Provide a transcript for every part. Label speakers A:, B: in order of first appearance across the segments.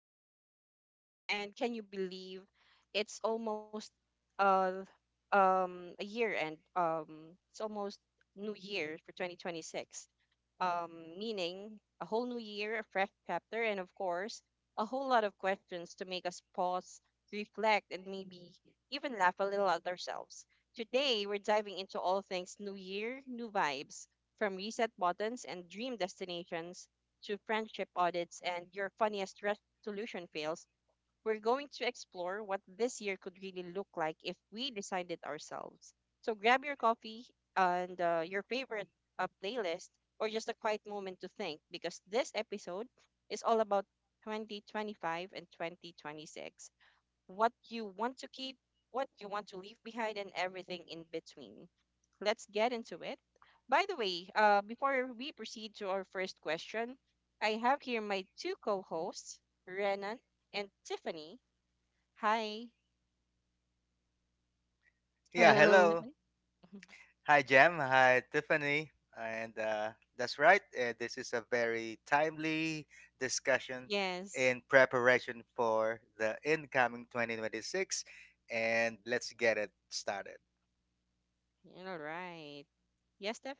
A: welcome back to the show. And can you believe it's almost uh a year and it's almost New Year for 2026, meaning a whole new year, a fresh chapter, and of course, a whole lot of questions to make us pause, reflect, and maybe even laugh a little at ourselves. Today, we're diving into all things new year, new vibes, from reset buttons and dream destinations to friendship audits and your funniest resolution fails. We're going to explore what this year could really look like if we designed it ourselves. So grab your coffee and your favorite playlist, or just a quiet moment to think, because this episode is all about 2025 and 2026. What you want to keep, what you want to leave behind, and everything in between. Let's get into it. By the way, before we proceed to our first question, I have here my two co hosts, Renan and Tiffany. Hi,
B: Yeah,
A: Renan and
C: Hello.
B: hello.
A: Tiffany.
B: Hi, Jem. Hi, Tiffany. And that's right. This is a very timely discussion
A: Yes,
B: in preparation for the incoming 2026. And let's get it started.
A: you're all right. Yes, Steph,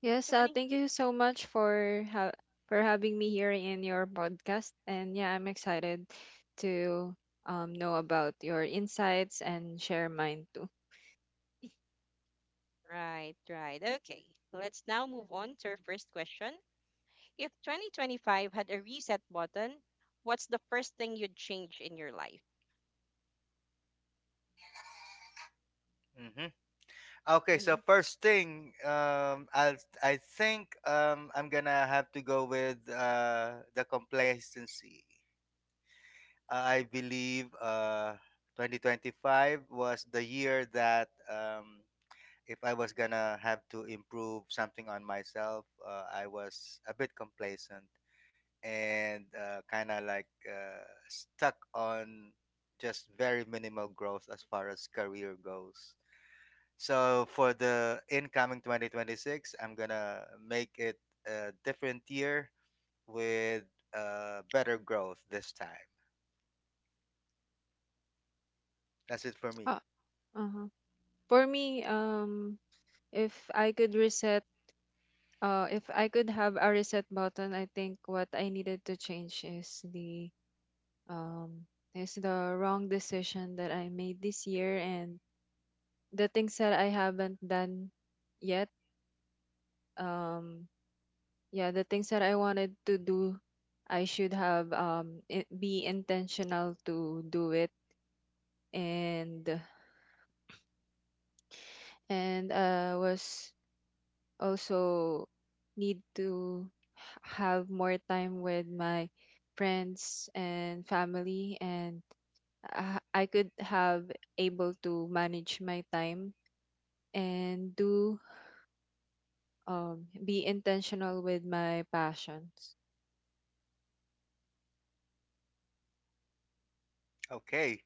C: Yes,
A: Tiffany.
C: thank you so much for for having me here in your podcast. And yeah, I'm excited to know about your insights and share mine too.
A: Right, right. Okay, let's now move on to our first question. If 2025 had a reset button, what's the first thing you'd change in your life?
B: hmm Okay, so
A: Hmm.
B: first thing, I think I'm gonna have to go with the complacency. I believe 2025 was the year that if I was gonna have to improve something on myself, I was a bit complacent and kind of like stuck on just very minimal growth as far as career goes. So for the incoming 2026, I'm gonna make it a different year with better growth this time. That's it for me.
C: Ah, uh-huh. For me, if I could reset, if I could have a reset button, I think what I needed to change um is the wrong decision that I made this year and the things that I haven't done yet. Um, yeah, the things that I wanted to do, I should have be intentional to do it. And was also need to have more time with my friends and family. And I could have able to manage my time and do be intentional with my passions.
B: Okay.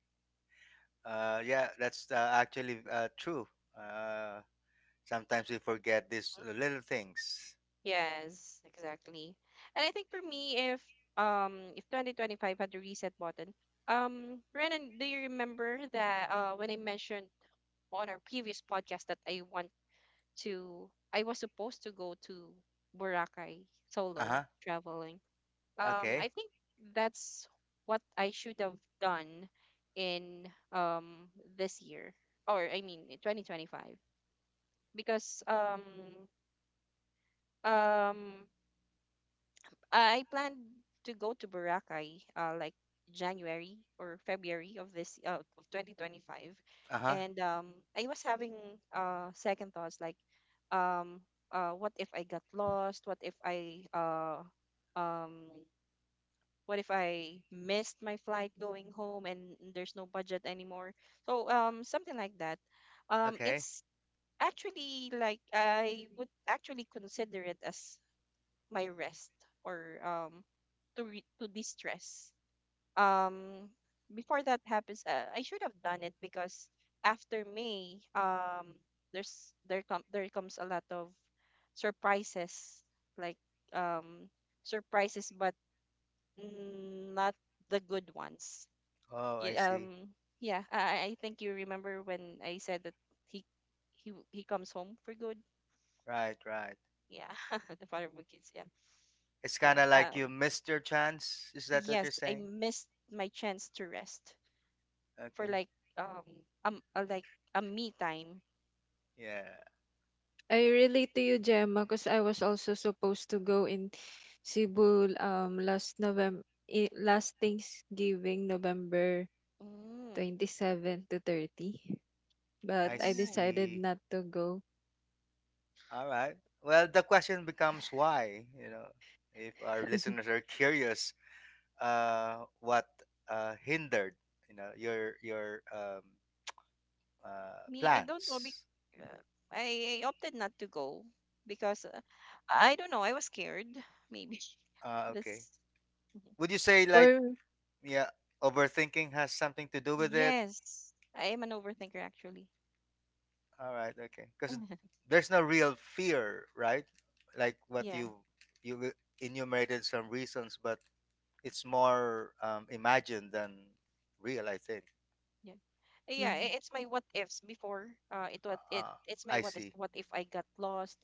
B: Yeah, that's actually true. Uh, Sometimes we forget these little things.
A: Yes, exactly. And I think for me, if if 2025 had a reset button, Renan, do you remember that when I mentioned on our previous podcast that I was supposed to go to Boracay
B: Uh
A: solo
B: huh.
A: traveling. I
B: Okay.
A: think that's what I should have done in um this year, or I mean in 2025, because um I plan to go to Boracay, like January or February of 2025.
B: Uh huh.
A: And I was having second thoughts like, um, what if I got lost? Um, what if I missed my flight going home and there's no budget anymore? So something like that.
B: Okay.
A: It's actually like I would actually consider it as my rest, or to distress. Um, Before that happens, I should have done it, because after May, there comes a lot of surprises, like um surprises, but not the good ones.
B: Oh, I
A: Y-
B: see.
A: Um, yeah, I think you remember when I said that he he comes home for good.
B: Right, right.
A: Yeah, the father of the kids. Yeah,
B: It's
A: yeah.
B: kind of like you missed your chance. Is that what you're
A: Yes, I
B: saying?
A: missed my chance to rest for
B: Okay.
A: like, um like a me time.
B: Yeah,
C: I
A: Yeah.
C: relate to you, Gemma, because I was also supposed to go in Cebu last November, last Thanksgiving, November
A: Mm,
C: 27 to 30. But
B: I
C: I
A: oh,
C: decided
B: see.
C: not to go.
B: All right. Well, the question becomes why, you know, if our listeners are curious, what hindered, you know, your
A: me, I don't know. Be
B: plans?
A: uh, I opted not to go because, I don't know. I was scared. Maybe,
B: Okay.
A: that's. Mhm.
B: Would you say like
C: For
B: yeah, overthinking has something to do with it.
A: Yes. I am an overthinker, actually.
B: All right, okay. Because there's no real fear, right? Like what
A: Yeah.
B: you you enumerated some reasons, but it's more imagined than real, I think.
A: Yeah. Yeah,
C: Mhm.
A: it's my what ifs before. It what it
B: Ah,
A: it's my
B: I
A: what if
B: see.
A: what if I got lost,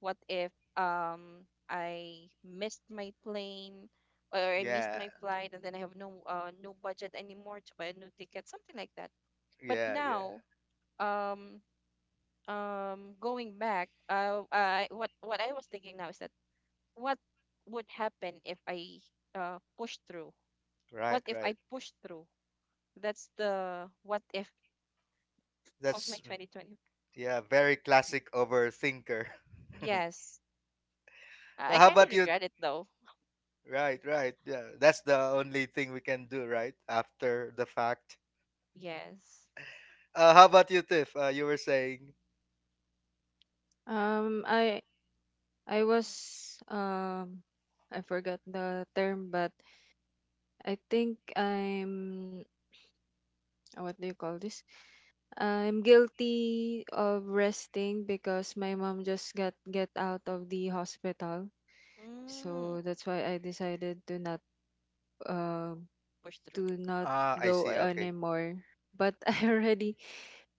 A: what if I missed my plane, or I missed
B: Yeah,
A: my flight, and then I have no budget anymore to buy a new ticket, something like that. But
B: yeah, yeah.
A: now, um going back, I what I was thinking now is that what would happen if I push through?
B: Right,
A: What if
B: right.
A: I push through? That's the what if of my
B: That's
A: 2020.
B: yeah, very classic overthinker.
A: Yes, I
B: Well, how
A: kind of
B: about you?
A: regret it, though.
B: Right, right. Yeah, that's the only thing we can do, right? After the fact.
A: Yes.
B: How about you, Tiff? You were saying.
C: um I I was um I forgot the term, but I think I'm what do you call this? I'm guilty of resting because my mom just got get out of the hospital.
A: Mm,
C: So that's why I decided uh,
A: push
C: to
A: through.
C: not
B: Ah, I
C: go
B: see. Okay.
C: anymore. But I already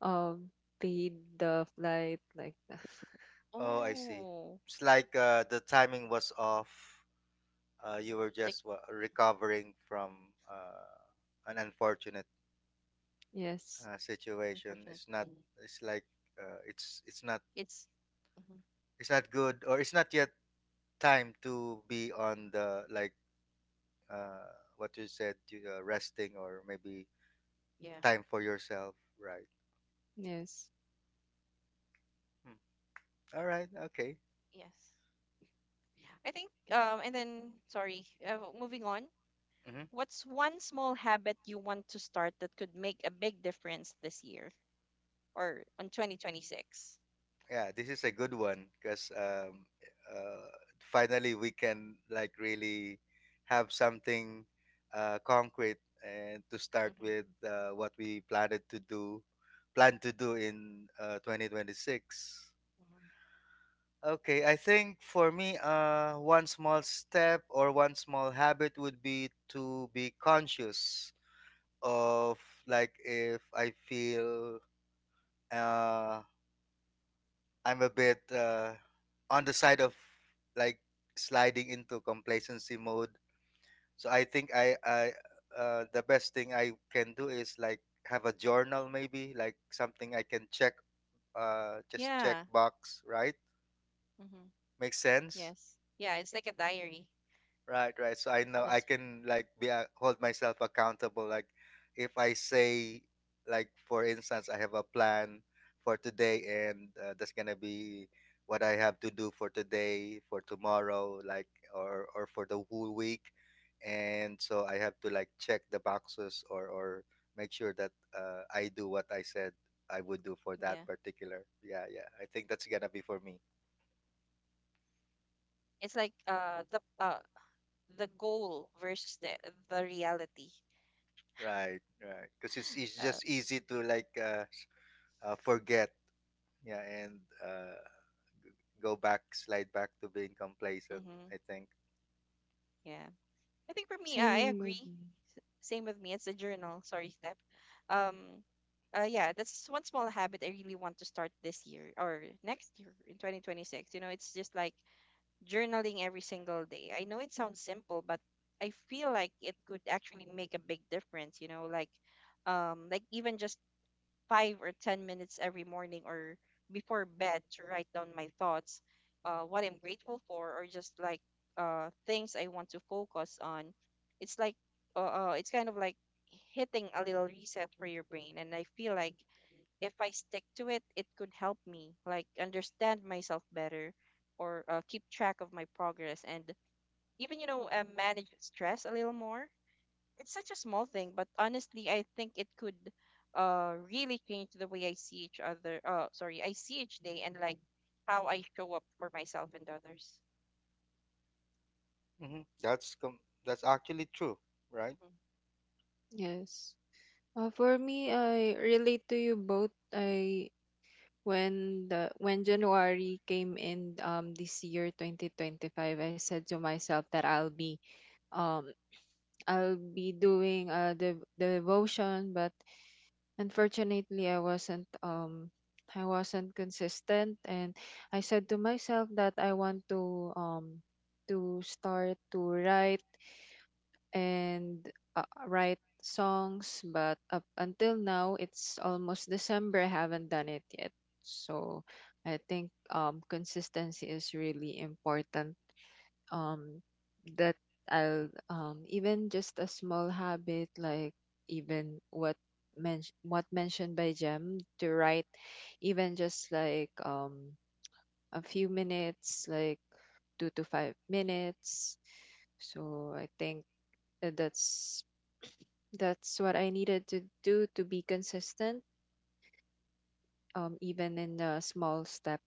C: um paid the flight like that.
B: Oh, I see.
A: Oh,
B: It's like the timing was off. You were
A: like,
B: just wa recovering from an unfortunate
C: Yes.
B: situation.
A: unfortunate
B: It's not.
A: thing.
B: It's like it's not
A: It's mhm,
B: it's not good, or it's not yet time to be on the like what you said, resting or maybe
A: yeah,
B: time for yourself, right?
C: Yes.
B: Hmm. All right. Okay.
A: yes. I think, and then sorry, moving on.
B: Mhm.
A: What's one small habit you want to start that could make a big difference this year or on 2026?
B: Yeah, this is a good one because uh, finally we can like really have something concrete and to start
A: Mm-hmm,
B: with what we planned to do, plan to do in 2026.
A: mm-hmm.
B: Okay, I think for me, one small step or one small habit would be to be conscious of like if I feel uh, I'm a bit on the side of like sliding into complacency mode. So I think I the best thing I can do is like have a journal, maybe like something I can check, just check
A: Yeah.
B: box, right?
A: Mm-hmm.
B: Makes sense.
A: Yes. Yeah, it's like a diary.
B: Right, right. So I
A: Call
B: know I
A: it.
B: can like be a hold myself accountable. Like if I say, like for instance, I have a plan for today, and that's gonna be what I have to do for today, for tomorrow, like or for the whole week, and so I have to like check the boxes or make sure that I do what I said I would do for that
A: Yeah.
B: particular. Yeah, yeah. I think that's gonna be for me.
A: It's like the goal versus the reality.
B: Right, right. Because it's
A: Uh,
B: just easy to like forget yeah and uh, go back, slide back to being complacent,
A: mm-hmm,
B: I think.
A: yeah, I think for me, I
C: Same with
A: agree.
C: me.
A: Same with me. It's a journal. Sorry, step. Um, yeah, that's one small habit I really want to start this year or next year in 2026. You know, it's just like journaling every single day. I know it sounds simple, but I feel like it could actually make a big difference. You know, like even just 5 or 10 minutes every morning or before bed to write down my thoughts, what I'm grateful for, or just like, things I want to focus on. It's like it's kind of like hitting a little reset for your brain, and I feel like if I stick to it, it could help me like understand myself better, or keep track of my progress, and even, manage stress a little more. It's such a small thing, but honestly, I think it could really change the way I see each other. Sorry, I see each day, and like how I show up for myself and others.
B: hmm that's com- that's actually true, right?
A: Mhm.
C: Yes. For me, I relate to you both. I when January came in this year 2025. I said to myself that um I'll be doing the devotion, but unfortunately I wasn't consistent. And I said to myself that I want to start to write and write songs, but up until now, it's almost December. I haven't done it yet. So I think consistency is really important. Um, that I'll even just a small habit like even what mentioned by Jem to write, even just like a few minutes, like 2 to 5 minutes. So I think that's what I needed to do to be consistent, even in the small step.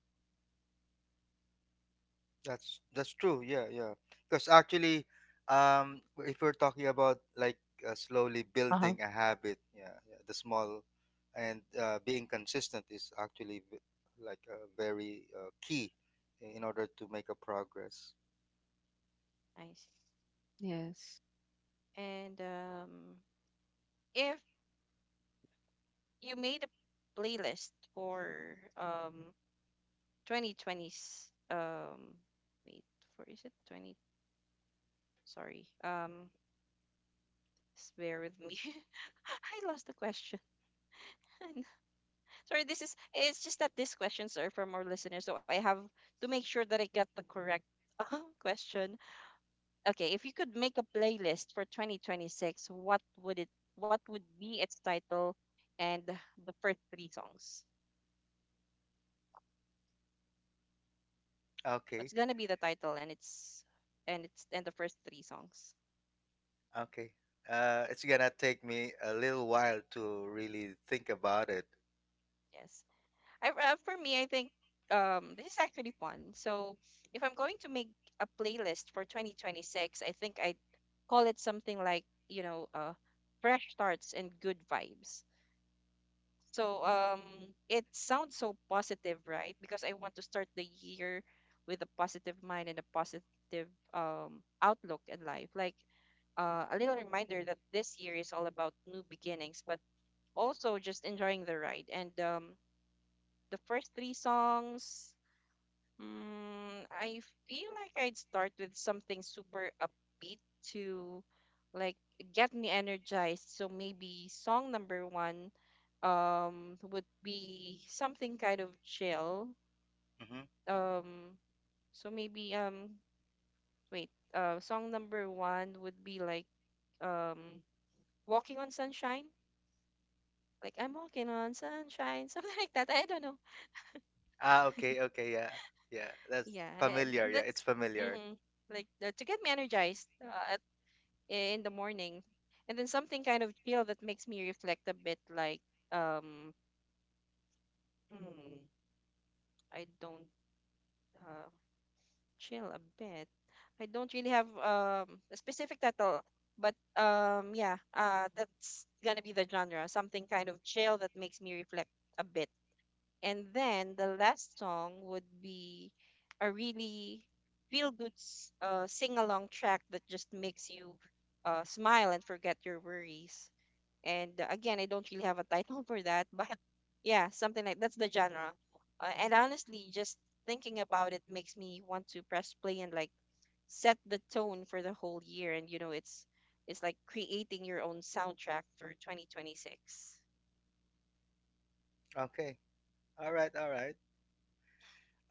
B: That's true, yeah, yeah, because actually um if we're talking about like slowly building a habit, yeah, yeah, the small and being consistent is actually like very key in order to make a progress.
A: Nice.
C: Yes.
A: And if you made a playlist for 2020s, wait, for is it 20 sorry um just bear with me, I lost the question. Sorry, this is it's just that these questions are from our listeners, so I have to make sure that I get the correct, question. Okay, if you could make a playlist for 2026, what would be its title and the first three songs?
B: Okay.
A: What's gonna be the title and the first three songs?
B: Okay. It's gonna take me a little while to really think about it.
A: Yes. For me, I think, this is actually fun. So if I'm going to make a playlist for 2026, I think I'd call it something like, fresh starts and good vibes. So it sounds so positive, right? Because I want to start the year with a positive mind and a positive, outlook in life. Like, a little reminder that this year is all about new beginnings, but also just enjoying the ride. And the first three songs. I feel like I'd start with something super upbeat to like get me energized. So maybe song number one would be something kind of chill.
B: hmm
A: Um so maybe, wait, song number one would be like, um Walking on Sunshine. Like, I'm walking on sunshine, something like that. I don't know.
B: Ah, okay, okay, yeah, yeah. That's
A: Yeah,
B: familiar. Yeah,
A: that's
B: it's familiar.
A: mm, to get me energized. In the morning. And then something kind of chill that makes me reflect a bit, like, um, hmm, I don't uh, chill a bit. I don't really have, a specific title, but yeah, that's gonna be the genre. Something kind of chill that makes me reflect a bit. And then the last song would be a really feel good, sing along track that just makes you smile and forget your worries. And again, I don't really have a title for that, but yeah, something like that's the genre. And honestly, just thinking about it makes me want to press play and like set the tone for the whole year. And you know, it's like creating your own soundtrack for 2026.
B: Okay. All right, all right.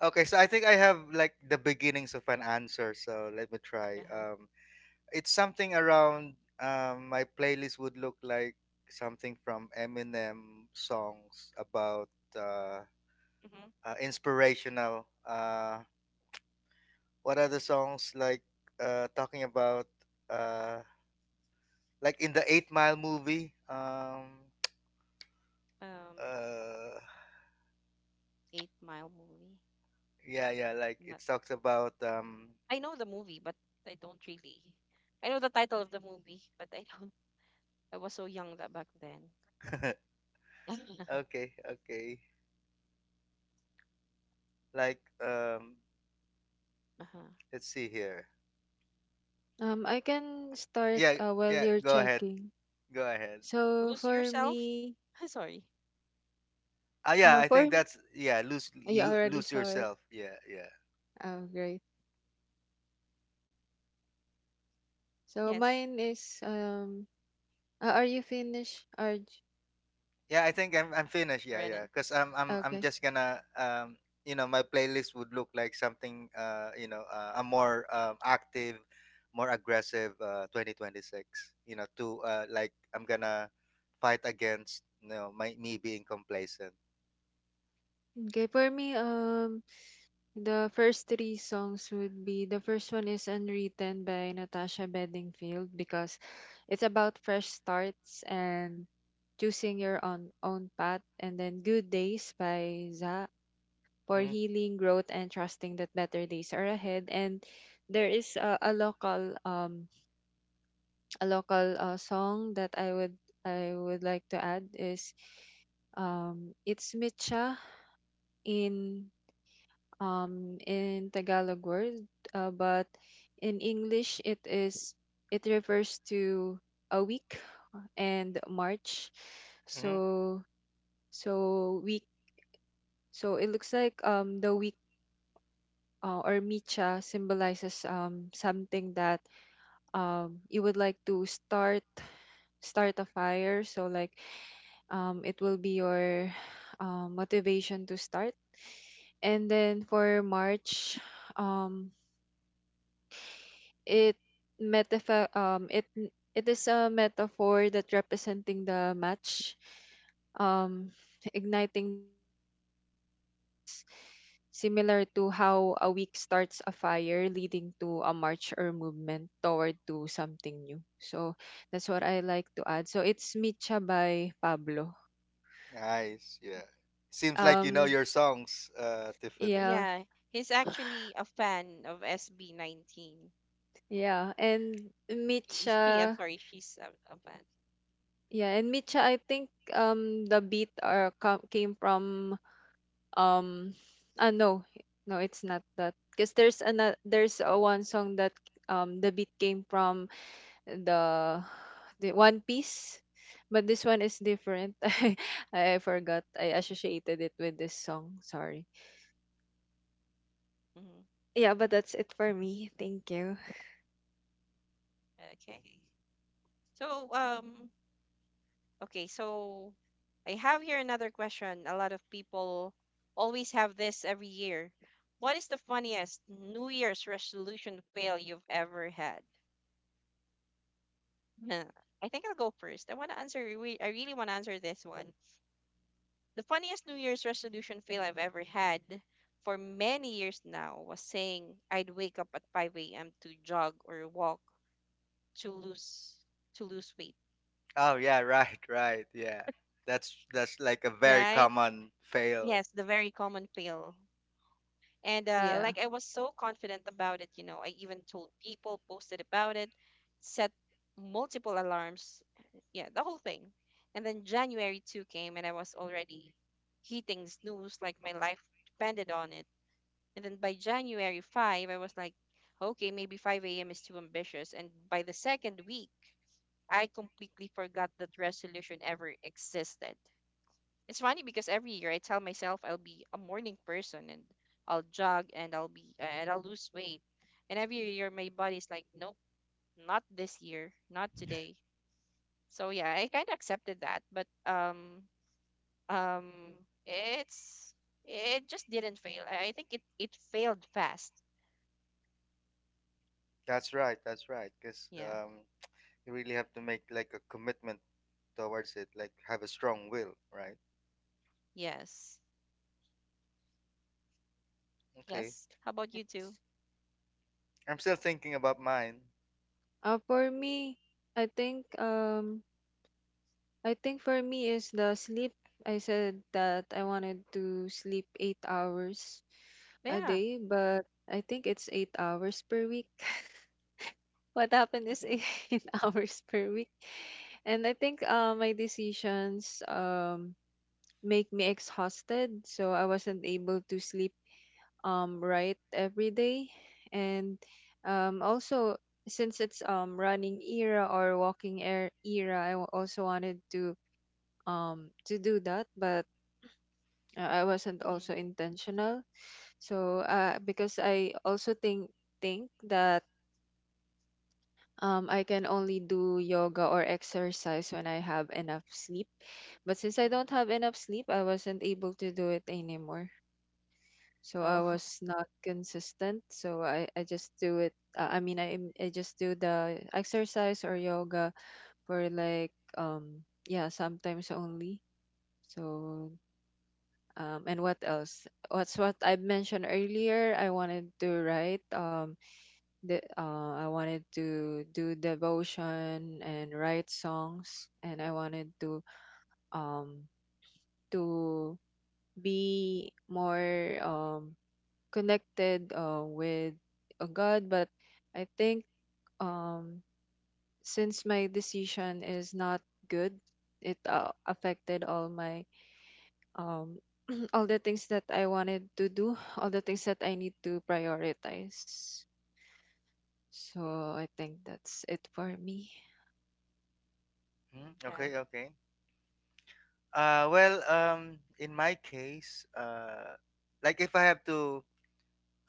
B: Okay, so I think I have like the beginnings of an answer. So let me try.
A: Uh-huh.
B: It's something around. My playlist would look like something from Eminem, songs about
A: hmm
B: inspirational. What are the songs like talking about uh like in the eight-mile movie,
A: Um,
B: uh
A: 8 Mile movie.
B: yeah, yeah, like
A: I'm Not,
B: it talks about um.
A: I know the movie, but I don't really. I know the title of the movie, but I don't. I was so young that back then.
B: Okay, okay. Like um,
A: Uh-huh.
B: let's see here,
C: I can start
B: yeah,
C: while
B: yeah,
C: you're
B: go ahead,
C: checking.
B: go ahead.
C: So
A: Lose
C: for
A: yourself.
C: me,
A: Sorry.
B: Ah yeah, I
C: for
B: think that's yeah,
C: you already
B: lose
C: saw it.
B: yourself, yeah, yeah.
C: Oh, great. So
A: Yes,
C: mine is are you finished? Are
B: Yeah, I think I'm finished. Yeah, yeah.
A: Renan.
B: Cause I'm
C: okay.
B: just gonna um, you know, my playlist would look like something you know, a more active, more aggressive 2026. You know, to like I'm gonna fight against, you know, my me being complacent.
C: Okay. For me, the first 3 songs would be, the first one is Unwritten by Natasha Bedingfield, because it's about fresh starts and choosing your own path. And then Good Days by Za, for
B: Mm-hmm.
C: healing, growth, and trusting that better days are ahead. And there is a local song that I would, I would like to add is it's Mitcha. In in Tagalog word, but in English it is, it refers to a week and March.
B: Mm-hmm.
C: So so week, so it looks like the week or micha symbolizes something that you would like to start, start a fire. So like it will be your motivation to start. And then for march, um it metaphor um, it is a metaphor that representing the match, um, igniting the change or progress, similar to how a week starts a fire, leading to a march or movement toward to something new. So that's what I like to add. So it's Micha by Pablo.
B: Nice. Yeah. Seems like you know
C: Um,
B: your songs, uh, Tiffany.
C: yeah,
A: Yeah, he's actually a fan of SB19.
C: yeah, and
A: She, I'm
C: Micha,
A: sorry, she's a fan.
C: yeah, and Micha. I think the beat are came from um ah no, no, it's not that, because there's another, there's a one song that the beat came from the the one piece, but this one is different. I forgot, I associated it with this song, sorry.
A: hmm
C: Yeah, but that's it for me. Thank you.
A: Okay. So, um, Okay, so I have here another question. A lot of people always have this every year. What is the funniest New Year's resolution fail you've ever had? Huh, I think I'll go first. I want to answer, I really want to answer this one. The funniest New Year's resolution fail I've ever had for many years now was saying I'd wake up at 5 a.m. to jog or walk to lose to lose weight,
B: Oh yeah, right, right. Yeah. That's like a very
A: right?
B: common fail.
A: Yes, the very common fail. And
C: Yeah.
A: like, I was so confident about it, I even told people, posted about it, set multiple alarms, yeah, the whole thing. And then January 2 came and I was already hitting snooze like my life depended on it. And then by January 5, I was like, okay, maybe 5 a.m. is too ambitious. And by the second week, I completely forgot that resolution ever existed. It's funny because every year I tell myself I'll be a morning person, and I'll jog and I'll lose weight. And every year my body's like, nope, not this year, not today. So yeah, I kind of accepted that, but um it's it just didn't fail. I think it failed fast.
B: That's right. That's right. Cause
A: Yeah.
B: you really have to make like a commitment towards it, like have a strong will, right?
A: Yes.
B: Okay.
A: Yes. How about you two?
C: Yes.
B: I'm still thinking about mine.
C: For me I think I think for me is the sleep. I said that I wanted to sleep 8 hours a
A: Yeah.
C: day, but I think it's 8 hours per week. What happened is
A: Mhm.
C: 8 hours per week. And I think my decisions make me exhausted, so I wasn't able to sleep right every day. And also, since it's running era or walking air era, I also wanted to do that, but I wasn't
A: Mhm.
C: also intentional. So because I also think that I can
A: Mhm.
C: only do yoga or exercise when I have enough sleep. But since I don't
A: Mhm.
C: have enough sleep, I wasn't able to do it anymore. So I
A: Oh,
C: was not consistent. So I just do it. I mean, I just do the exercise or yoga for like, yeah, sometimes only. So um, and what else? What's what I mentioned earlier? I wanted to write. The I wanted to do devotion and write songs, and I wanted um to be more connected with God. But I think um since my decision is not good, it affected all my um all the things that I wanted to do, all the things that I need to prioritize. So I think that's it for me.
B: Hmm?
A: yeah.
B: Okay, okay. Well, in my case, like if I have to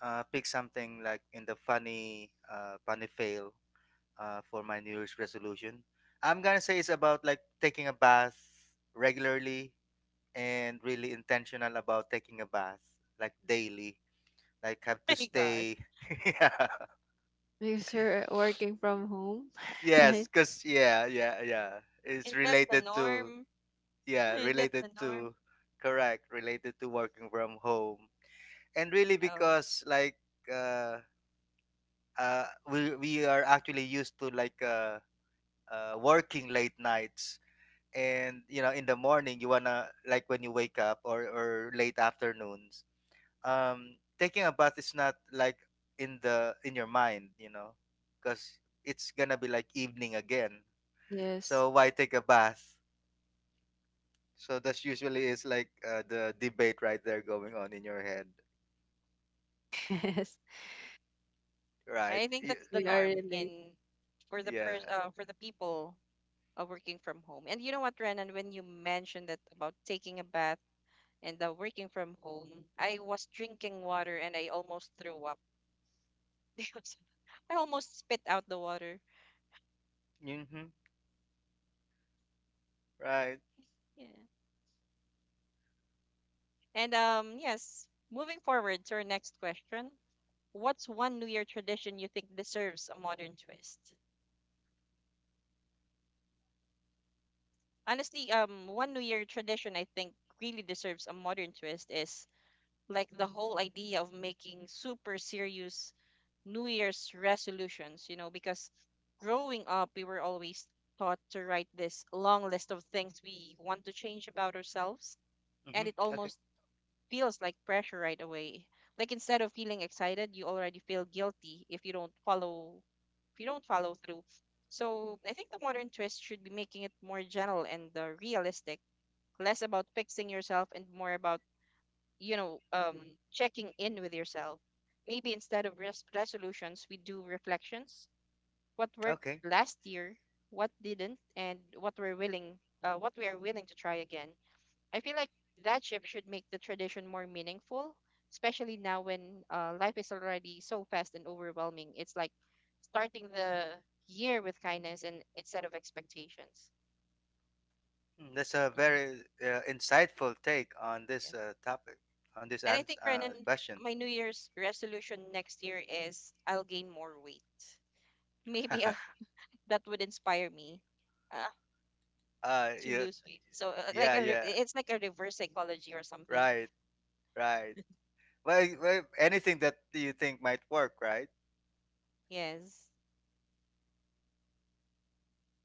B: pick something like in the funny fail for my New Year's resolution, I'm gonna say it's about like taking a bath regularly and really intentional about taking a bath like daily. Like have to
A: My gosh.
B: stay, yeah,
C: Because you're working from home,
B: yes,
C: right?
B: because yeah, yeah, yeah. It's
A: Is that the
B: related to
A: norm?
B: yeah,
A: Is that
B: related
A: the norm?
B: to correct, related to working from home, and really
A: Oh,
B: because like uh, we are actually used to like working late nights, and you know, in the morning you wanna like when you wake up, or late afternoons, taking a bath is not like in the in your mind, you know, because it's gonna be like evening again.
C: Yes.
B: So why take a bath? So that's usually is like the debate right there going on in your head,
C: Yes.
A: I
B: right?
A: think that's the
C: We are
A: norm,
C: related.
A: in for the
B: Yeah.
A: pers- for the people working from home. And you know what, Renan, when you mentioned that about taking a bath and the working from home, I was drinking water and I almost threw up because I almost spit out the water.
B: Mm-hmm. Right.
A: Yeah. And yes, moving forward to our next question. What's one New Year tradition you think deserves a modern twist? Honestly, one New Year tradition I think really deserves a modern twist is like the whole idea of making super serious New Year's resolutions, you know, because growing up, we were always taught to write this long list of things we want to change about ourselves.
B: Mm-hmm.
A: And it
B: Okay.
A: almost feels like pressure right away. Like instead of feeling excited, you already feel guilty if you don't follow through. So I think the modern twist should be making it more general and realistic, less about fixing yourself and more about you know um checking in with yourself. Maybe instead of resolutions we do reflections. What worked
B: Okay.
A: last year, what didn't, and what we're willing what we are willing to try again. I feel like that shift should make the tradition more meaningful, especially now when life is already so fast and overwhelming. It's like starting the year with kindness and instead of expectations.
B: That's a
A: hmm
B: very insightful take on this topic, on this
A: and I think, Renan,
B: question.
A: my New Year's resolution next year is I'll gain more weight maybe,
B: uh,
A: that would inspire me uh, to
B: yeah,
A: lose weight. So like
B: yeah,
A: a
B: yeah.
A: it's like a reverse psychology or something.
B: Right, right. Well, well, anything that you think might work, right?
A: Yes.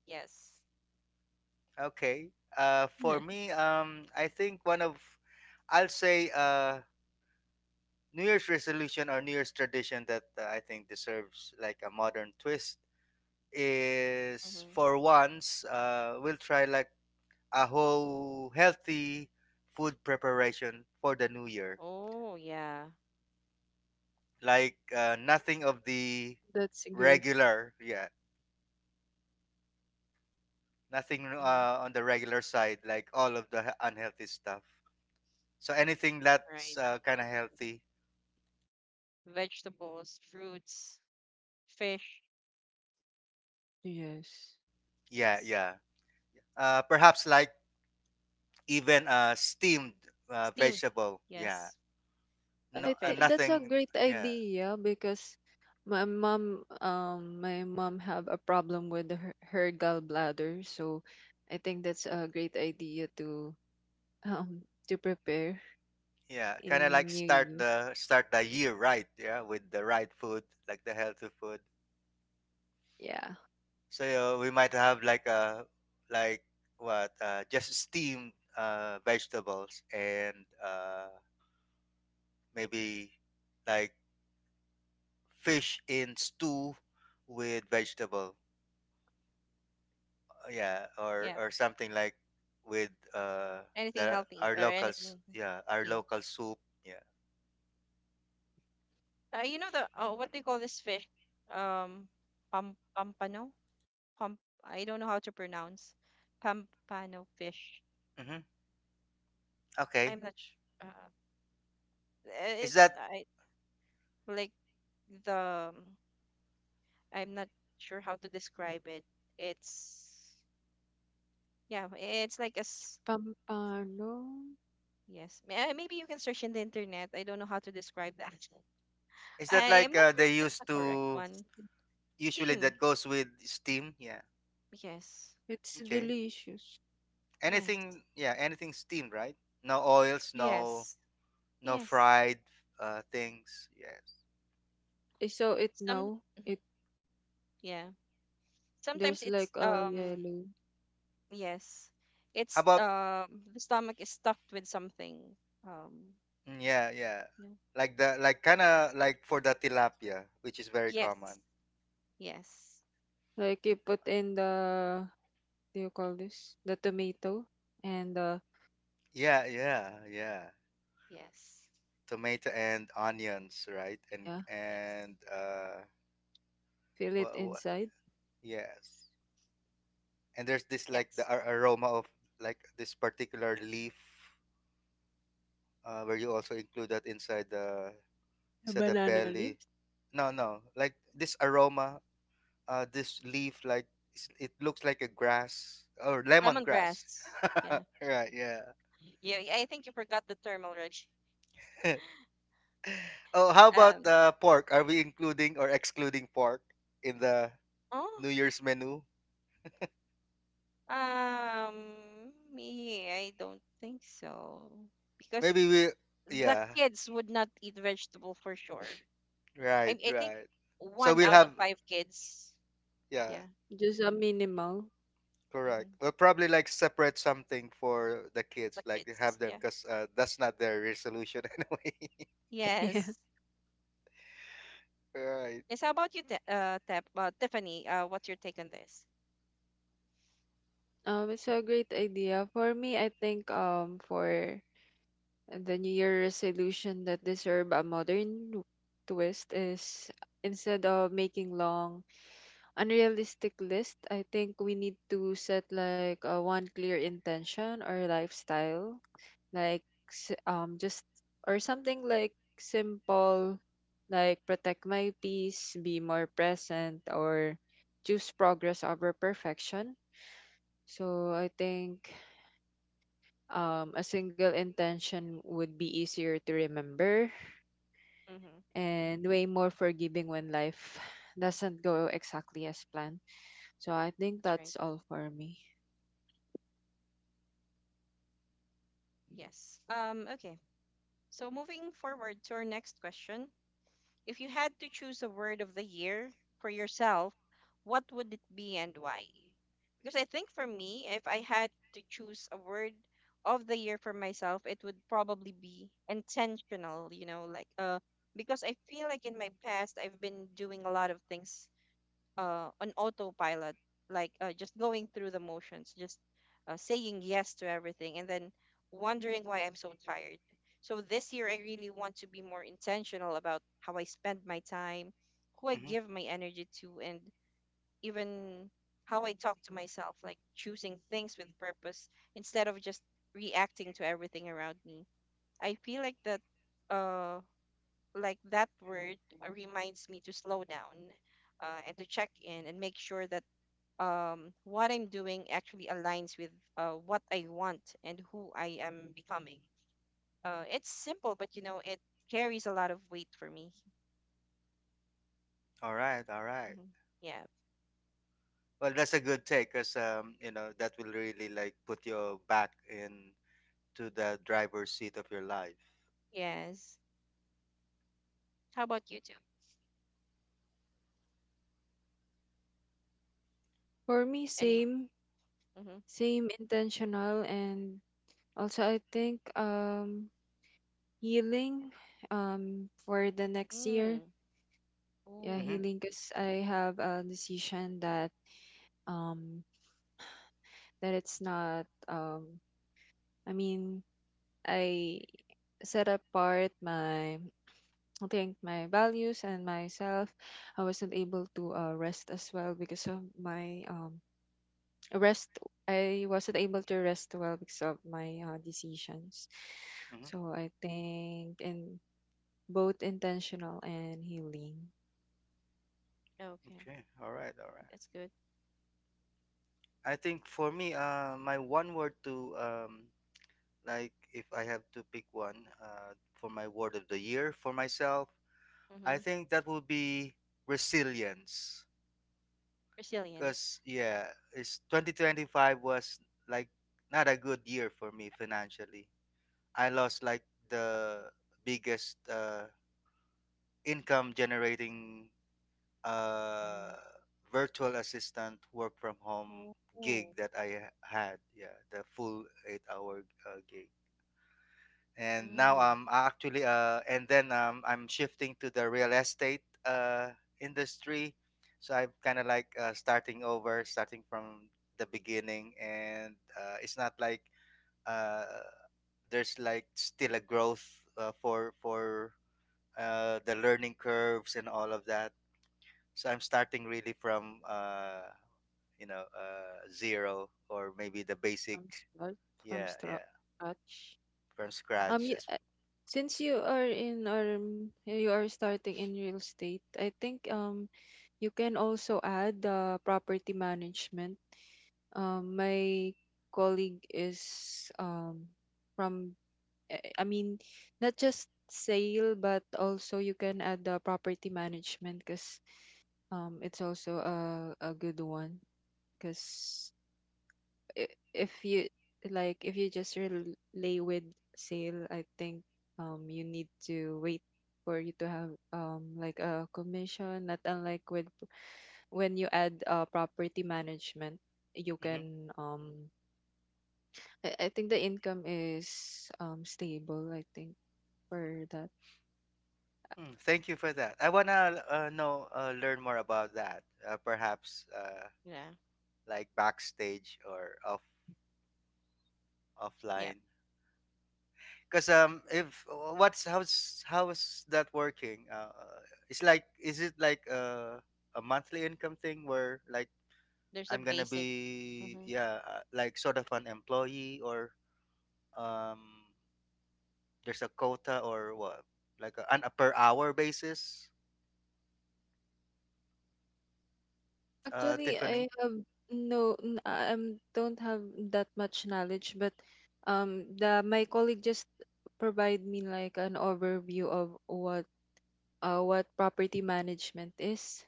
A: Yes.
B: Okay. Uh, for me, um, I think one of, I'll say, New Year's resolution or New Year's tradition that I think deserves like a modern twist
A: Mm-hmm.
B: is for once we'll try like a whole healthy food preparation for the new year.
A: Oh yeah.
B: Like nothing of the
C: That's great.
B: regular, yeah, nothing
A: Mm-hmm.
B: on the regular side, like all of the unhealthy stuff. So anything that's
A: Right.
B: kind of healthy,
A: Vegetables, fruits, fish.
C: Yes.
B: yeah,
A: Yes.
B: yeah. Perhaps like even steamed
A: Steamed.
B: vegetable, yeah,
A: Yes. And
B: no
C: I think
A: fish.
C: that's a
B: nothing,
C: great
B: yeah,
C: idea because my mom have a problem with her, her gallbladder, so I think that's a great idea to um to prepare
B: yeah, kind of like
C: in New
B: start
C: Year.
B: the year right, yeah, with the right food, like the healthy food,
C: Yeah.
B: so we might have like a like what just steamed vegetables and uh, maybe like fish in stew with vegetable. Yeah,
A: Yeah.
B: or something like with uh
A: Anything
B: the
A: healthy
B: our
A: or
B: locals,
A: anything
B: yeah, our
A: steamed.
B: local soup, yeah.
A: You know the what they call this fish? Um, pampano. Pam. I don't know how to pronounce. Pampano fish.
B: Hmm, okay.
A: I'm not sh- uh, eh,
B: Is
A: it's
B: that—
A: I like the I'm not sure how to describe it. It's yeah, it's like a
C: Pampano.
A: yes. Maybe you can search in the internet. I don't know how to describe that.
B: is that
A: I am
B: like
A: not sure if
B: they
A: that's the
B: used
A: correct
B: to
C: It's,
A: one.
C: d-
B: usually
A: Steam.
B: that goes with steam? Yeah.
A: Yes.
C: it's
B: Okay.
C: delicious.
A: Yes.
B: Anything? Yeah. Anything steam, right? No oils. No
A: Yes.
B: No
A: Yes.
B: fried things. Yes.
C: I saw it
A: Some
C: now.
A: mhm,
C: It
A: yeah. Sometimes
C: there's like
A: it's
C: a yellow.
A: yes.
B: How
A: It's
B: about?
A: the stomach is stuffed with something. Um
B: Yeah. Yeah.
A: yeah.
B: Like the like kind of like for the tilapia, which is very
A: Yes.
B: common.
A: Yes.
C: Like you put in the, do you call this? The tomato and
B: Yeah. Yeah. Yeah.
A: Yes.
B: Tomato and onions, right? And
C: yeah,
A: Yes.
B: and uh,
C: fill it
B: what,
C: inside.
B: yes. And there's this like the
A: Yes.
B: aroma of like this particular leaf where you also include that inside the
C: The
A: Mhm.
C: banana
B: belly.
C: leaves.
B: No, no, like this aroma, this leaf, like it looks like a grass or lemongrass.
A: Lemongrass. Yeah.
B: Right, yeah.
A: Yeah. I think you forgot the term already.
B: Oh, how about
A: Um.
B: pork? Are we including or excluding pork in the
A: Oh.
B: New Year's menu?
A: Me. I don't think so. Because
B: Maybe we,
A: the
B: yeah,
A: kids would not eat vegetable for sure.
B: right,
A: I think
B: right. So
A: one
B: we'll
A: out of
B: have,
A: five kids.
B: yeah,
A: Yeah.
C: Just a minimal.
B: correct.
A: Mm-hmm.
B: We'll probably like separate something for the kids,
A: The
B: like
A: kids.
B: have them,
A: Yeah.
B: because that's not their resolution anyway.
C: Yeah.
A: Yes.
B: Right.
A: Yes. How about you, Tiffany? What's your take on this?
C: It's a great idea. For me I think for the New Year resolution that deserve a modern twist is, instead of making long unrealistic list, I think we need to set like a one clear intention or lifestyle, like just or something like simple, like protect my peace, be more present, or choose progress over perfection. So I think a single intention would be easier to remember
A: Mm-hmm.
C: and way more forgiving when life doesn't go exactly as planned. So I think
A: That's right.
C: that's all for me.
A: Yes. Okay. So moving forward to our next question. If you had to choose a word of the year for yourself, what would it be and why? Because I think for me, if I had to choose a word of the year for myself, it would probably be intentional, you know, because I feel like in my past I've been doing a lot of things on autopilot, like just going through the motions, just saying yes to everything, and then wondering why I'm so tired. So this year, I really want to be more intentional about how I spend my time, who I
B: Mm-hmm.
A: give my energy to, and even how I talk to myself, like choosing things with purpose instead of just reacting to everything around me. I feel like uh, that word reminds me to slow down and to check in and make sure that what I'm doing actually aligns with what I want and who I am becoming. It's simple, but you know, it carries a lot of weight for me.
B: All right, all right.
A: hmm Yeah.
B: Well, that's a good take because you know that will really like put you back in to the driver's seat of your life.
A: Yes. How about you two?
C: For me,
A: Any?
C: same,
A: Mm-hmm.
C: same intentional and also I think healing for the next year.
A: Mm.
C: Yeah,
B: Mm-hmm.
A: Oh,
C: healing, because I have a decision that um that it's not um, I mean, I set apart my, I think my values and myself. I wasn't able to rest as well because of my rest I wasn't able to rest well because of my decisions.
B: Mm-hmm.
C: So I think in both intentional and healing.
A: okay.
B: Okay. All right. All right.
A: That's good.
B: I think for me, my one word to like if I have to pick one for my word of the year for myself, I
A: Mm-hmm.
B: think that would be resilience.
A: Resilience.
B: Because yeah, it's 2025 was like not a good year for me financially. I lost like the biggest income generating uh,
A: Mm-hmm.
B: virtual assistant work from home
A: Oh.
B: gig that I had. Yeah, the full 8 hour gig. And now
A: Mm-hmm.
B: I'm actually and then I'm shifting to the real estate industry. So I'm kind of like starting over, starting from the beginning, and it's not like uh, there's like still a growth for the learning curves and all of that. So I'm starting really from you know zero or maybe the basic.
C: From start, from
B: Yeah,
C: stra-
B: yeah,
C: scratch.
B: from scratch.
C: You,
B: As,
C: since you are in or you are starting in real estate, I think you can also add the property management. My colleague is from I mean, not just sale but also you can add the property management, because it's also a good one, because if you, like, if you just relay with sale, I think you need to wait for you to have like a commission, not unlike with when you add property management you
B: hmm
C: can um, I think the income is stable, I think, for that.
B: thank you for that. I wanna know learn more about that. Perhaps
A: Yeah.
B: like backstage or offline.
A: Yep.
B: Cause if what's how's that working? It's like is it like a monthly income thing where like
A: There's
B: I'm
A: a
B: gonna
A: basic.
B: be
A: Mm-hmm.
B: yeah, like sort of an employee or um there's a quota or what? Like a, on a per hour basis,
C: Um, actually
B: Tiffany.
C: I have I don't have that much knowledge, but the my colleague just provide me like an overview of what property management is.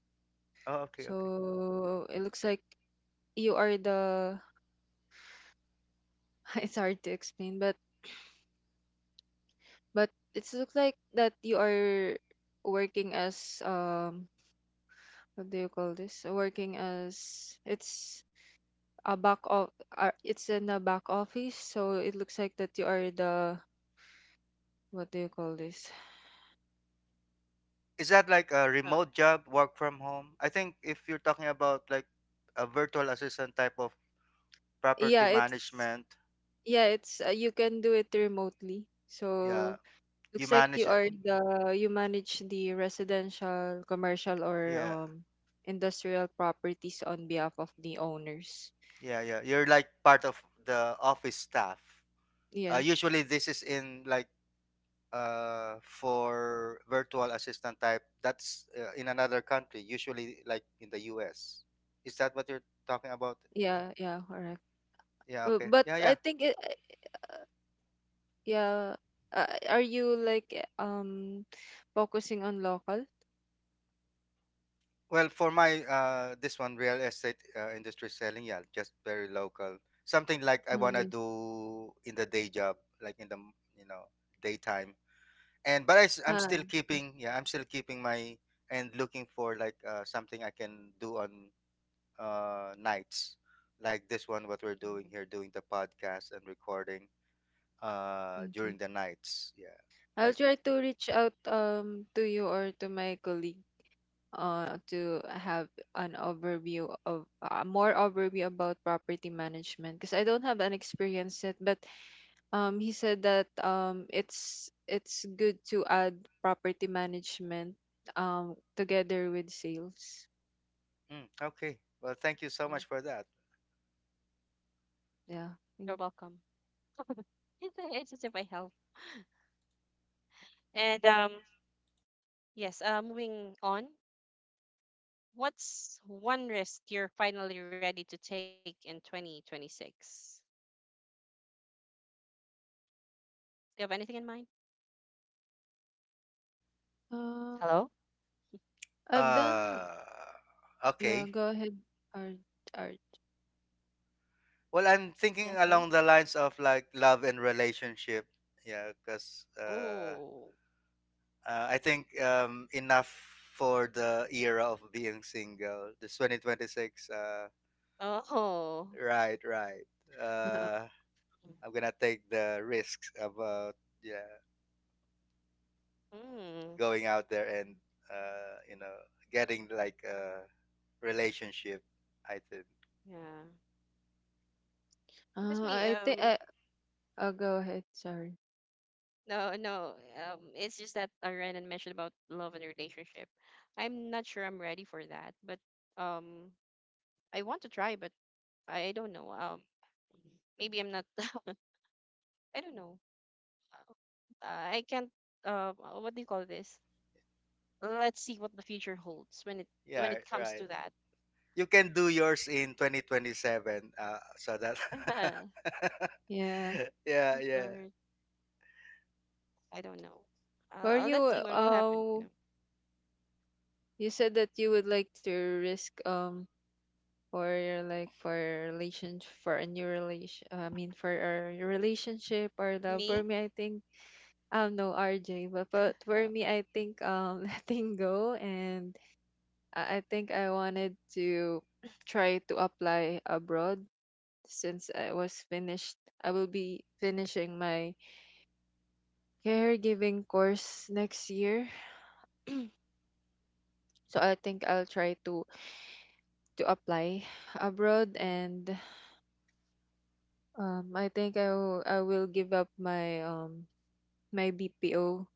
B: Oh, okay, okay.
C: So it looks like you are the it's hard to explain, but it looks like that you are working as um, what do you call this? Working as it's a back of it's in a back office, so it looks like that you are the what do you call this?
B: Is that like a remote job, work from home? I think if you're talking about like a virtual assistant type of
C: Yeah,
B: property
C: it's
B: management,
C: yeah, it's you can do it remotely. So
B: yeah, you
C: looks like you
B: manage it.
C: are the, you manage the residential, commercial, or
B: Yeah,
C: industrial properties on behalf of the owners.
B: yeah, yeah. You're like part of the office staff.
C: Yes.
B: Usually this is in like for virtual assistant type that's in another country, usually like in the US. Is that what you're talking about?
C: Yeah, yeah, correct.
B: Yeah, okay.
C: But
B: Yeah,
C: I
B: yeah.
C: think it, yeah, are you like focusing on local?
B: Well, for my this one real estate industry selling, yeah, just very local. Something like I
C: Mm,
B: want to
C: nice.
B: do in the day job, like in you know, daytime. And but I am
C: Ah,
B: still
C: okay.
B: keeping, yeah, I'm still keeping my and looking for like something I can do on nights like this one, what we're doing here,
A: Oh.
B: doing the podcast and recording during
C: Okay.
B: the nights. Yeah.
C: I'll
B: Like,
C: try to reach out to you or to my colleague to have an overview of more overview about property management, because I don't have an experience yet. But he said that it's good to add property management together with sales.
B: mm, okay. Well, thank you so much for
A: Mm.
B: that.
C: Yeah.
A: You're
C: Think-
A: welcome. It's, it's as if I help. And yes, moving on. What's one risk you're finally ready to take in 2026? Do you have anything in mind?
C: Uh,
A: Hello?
C: I've done.
B: Uh,
C: Yeah.
B: okay.
C: Go ahead. Art. Art.
B: Well, I'm thinking
A: Yeah,
B: along
A: sorry.
B: the lines of like love and relationship. Yeah, because
A: Oh.
B: I think enough for the era of being single. This 2026.
A: Oh.
B: Right, right. Uh, I'm gonna take the risks about yeah
A: Mm.
B: going out there and you know getting like a relationship. I think
A: Yeah. Just
C: Uh,
A: me.
C: I think. I. Go ahead. Sorry.
A: No, no. It's just that Renan mentioned about love and relationship. I'm not sure I'm ready for that, but um, I want to try, but I don't know. Maybe I'm not. I don't know. I can't. What do you call this? Let's see what the future holds when
B: yeah,
A: it comes
B: right.
A: to that.
B: You can do yours in 2027. So that
C: Yeah.
B: yeah,
A: It's
B: yeah.
A: hard. I don't know.
C: For you,
A: Let's see what will happen. You know,
C: you said that you would like to risk for a new relation I mean for a relationship or love. For
A: me.
C: me, I think no RJ, but for
A: Oh,
C: me I think letting go, and I think I wanted to try to apply abroad, since I was finished, I will be finishing my caregiving course next year. So I think I'll try to apply abroad.
A: yeah.
C: And I think I will give up my my BPO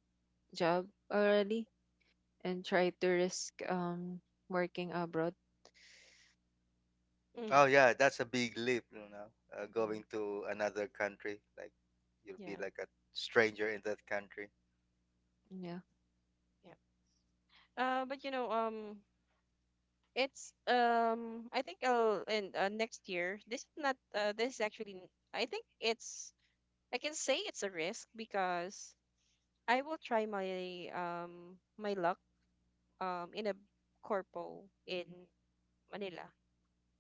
C: job already and try to risk working abroad.
A: hmm
B: Oh yeah, that's a big leap, you know.
A: Yeah.
B: Going to another country, like you'll be
A: Yeah.
B: like a stranger in that country.
C: Yeah.
A: Yeah. But you know, it's I think I'll in next year. This is not this is actually I think it's I can say it's a risk because I will try my my luck in a corpo in Manila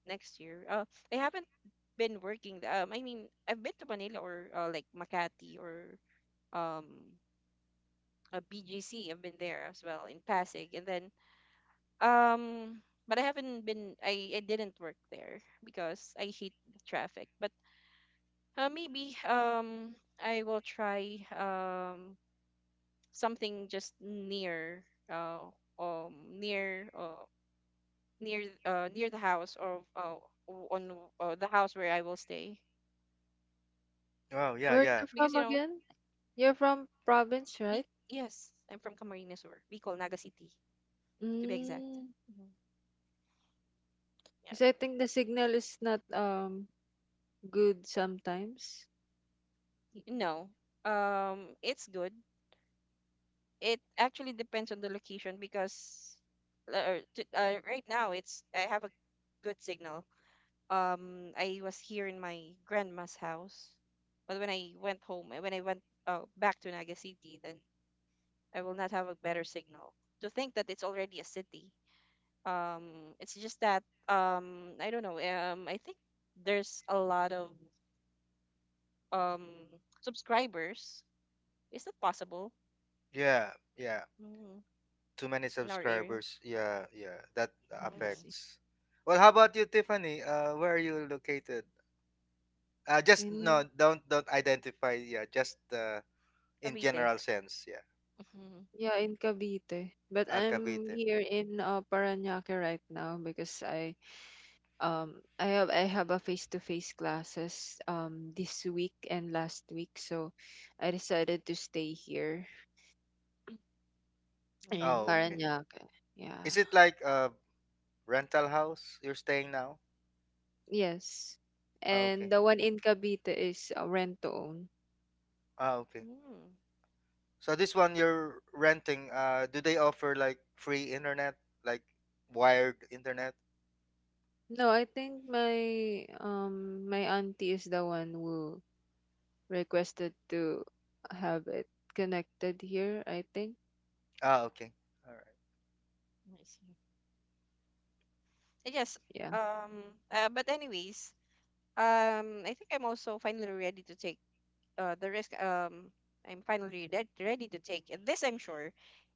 A: next year. Uh, I haven't been I mean I've been to Manila or like Makati or um a BGC. I've been there as well in Pasig and then um, but I haven't been. I didn't work there because I hate the traffic. But maybe I will try something just near uh um near uh near the house or o- on the house where I will stay
B: Oh yeah,
C: Where are
B: yeah,
C: you
A: because you
C: from
A: know
C: again? You're from province,
A: be
C: right?
A: yes I'm from Camarines or Bicol, Naga City to be exact.
C: Mm.
A: Yeah,
C: Because I think the signal is not good sometimes.
A: no. It's good. It actually depends on the location because right now it's I have a good signal. I was here in my grandma's house, but when I went home, when I went back to Naga City, then I will not have a better signal. To think that it's already a city. It's just that I don't know. I think there's a lot of um subscribers. Is that possible?
B: yeah, yeah.
A: Mm,
B: Too many
A: in our area,
B: subscribers. Yeah, yeah. That
C: I
A: mm,
C: see.
B: affects. Well, how about you, Tiffany? Where are you located? Just no,
C: In
B: don't identify. Yeah, just in
A: Cavite.
B: general sense. Yeah,
C: yeah, in Cavite. But I'm
B: Cavite.
C: here in Parañaque right now because I um I have a face to face classes this week and last week, so I decided to stay here in
B: Oh, okay.
A: Mm,
C: Parañaque. Yeah.
B: Is it like a rental house you're staying now?
C: Yes.
B: Ah,
C: And
B: okay.
C: the one in Cavite is rent to own.
B: Ah, okay.
A: mm,
B: So this one you're renting. Do they offer like free internet, like wired internet?
C: No, I think my my auntie is the one who requested to have it connected here, I think.
B: Ah, okay. All right.
A: I see. I guess,
C: Yeah.
A: um, but anyways, I think I'm also finally ready to take the risk. I'm finally ready ready to take it. This. I'm sure,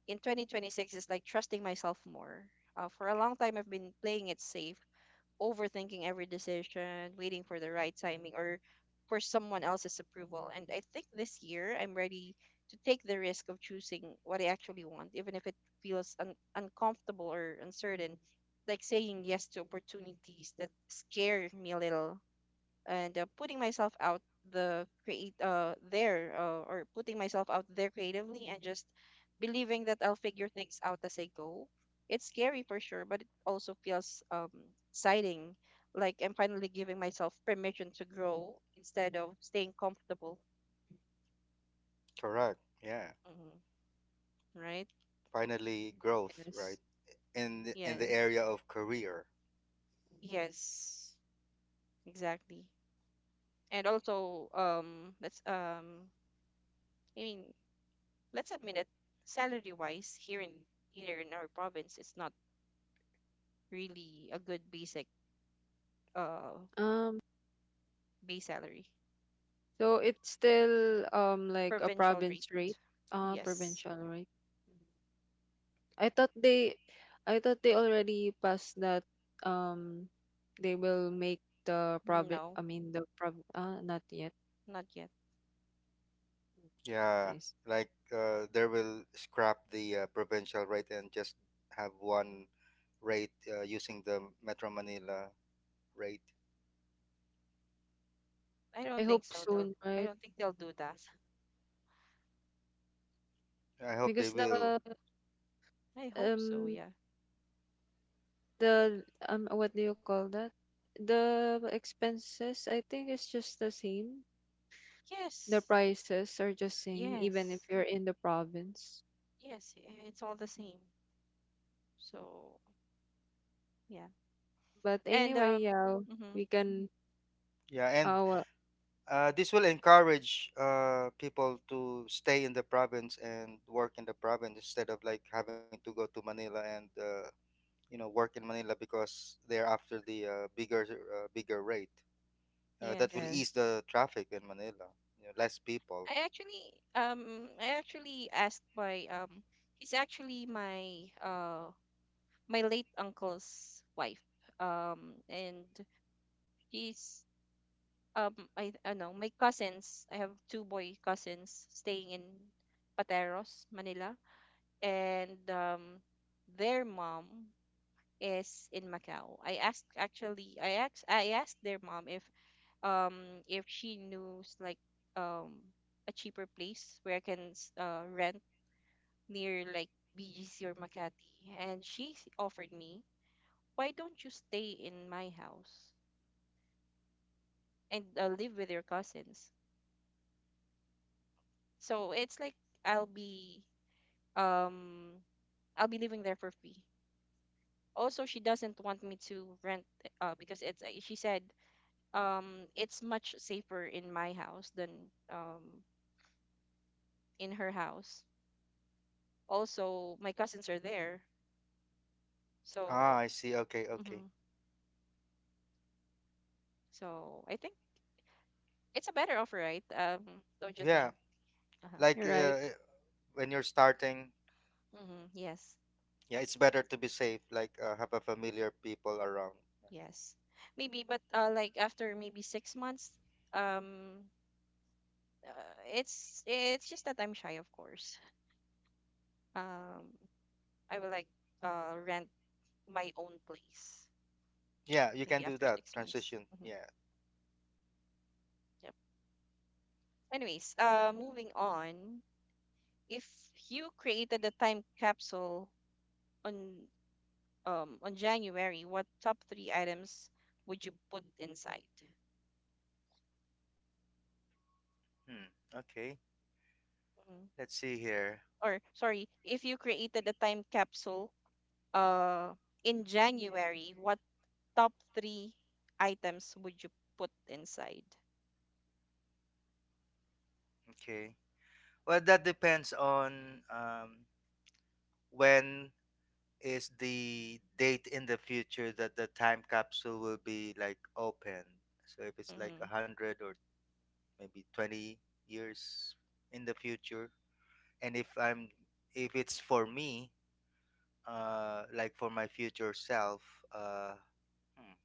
A: in 2026 is like trusting myself more. For a long time, I've been playing it safe, overthinking every decision, waiting for the right timing or for someone else's approval. And I think this year I'm ready to take the risk of choosing what I actually want, even if it feels uncomfortable or uncertain, like saying yes to opportunities that scare me a little and putting myself out the create there or putting myself out there creatively and just believing that I'll figure things out as I go. It's scary for sure, but it also feels exciting. Like I'm finally giving myself permission to grow instead of staying comfortable.
B: Correct. Yeah.
A: Mhm. Right?
B: Finally, growth, right?
C: Yes.
B: In the
A: Yes.
B: area of career.
A: Yes. Exactly. And also, I mean, let's admit it. Salary wise, here in our province, it's not really a good basic uh
C: Um.
A: base salary.
C: So it's still like a
A: Provincial rate.
C: province rate,
A: Yes.
C: provincial rate. Mhm. I thought they, I thought they already passed that. Um, they will make the province. I
A: No,
C: mean the prov. Not yet.
A: not yet.
C: Mm.
B: Yeah,
C: Nice.
B: like there will scrap the provincial rate and just have one rate using the Metro Manila rate.
A: I
C: I
A: don't think
C: hope
A: so. They'll
C: soon,
A: I
C: right?
A: don't think they'll do that.
B: I hope they
C: Because
B: will.
A: I hope so,
C: um
A: yeah.
C: the what do you call that? The expenses, I think, is just the same. The
A: Yes.
C: prices are just same even if
A: Yes.
C: you're in the province.
A: Yes, it's all the same. So, yeah.
C: But
A: And
C: anyway, yeah,
A: mhm,
C: we can.
B: Yeah, and
C: Our
B: this will encourage people to stay in the province and work in the province instead of like having to go to Manila and you know work in Manila because they're after the bigger rate. That will
A: yes.
B: ease
C: yes,
B: the traffic in Manila. You know, less people.
A: I actually I actually asked my he's actually my my late uncle's wife. And he's I know my cousins. I have two boy cousins staying in Pateros, Manila, and their mom is in Macau. I asked actually I asked their mom if she knows like um a cheaper place where I can rent near like BGC or Makati and she offered me, why don't you stay in my house and live with your cousins, so it's like I'll be um I'll be living there for free. Also, she doesn't want me to rent because it's she said it's much safer in my house than um in her house. Also, my cousins are there.
B: Ah,
A: So,
B: I see. Okay, okay.
A: mhm. So I think it's a better offer, right? Don't you
B: Yeah,
A: think? Uh-huh.
B: like
C: you're right.
B: when you're starting
A: Mhm. Yes.
B: yeah it's better to be safe like have a familiar people around
A: Yes. Maybe but like after maybe 6 months um it's just that I'm shy, of course. Um I will like rent my own place
B: yeah you
A: maybe
B: can do
A: after
B: that
A: 6 months.
B: transition yeah.
A: Yep. Anyways, moving on. If you created a time capsule on January, what top three items would you put inside?
B: Hmm. Okay.
A: Mhm.
B: Let's see here.
A: Or sorry, if you created a time capsule uh in January, what top three items would you put inside?
B: Okay. Well, that depends on when is the date in the future that the time capsule will be like open. So if it's like a
A: Mm-hmm.
B: hundred or maybe 20 years in the future, and if it's for me, like for my future self uh hmm,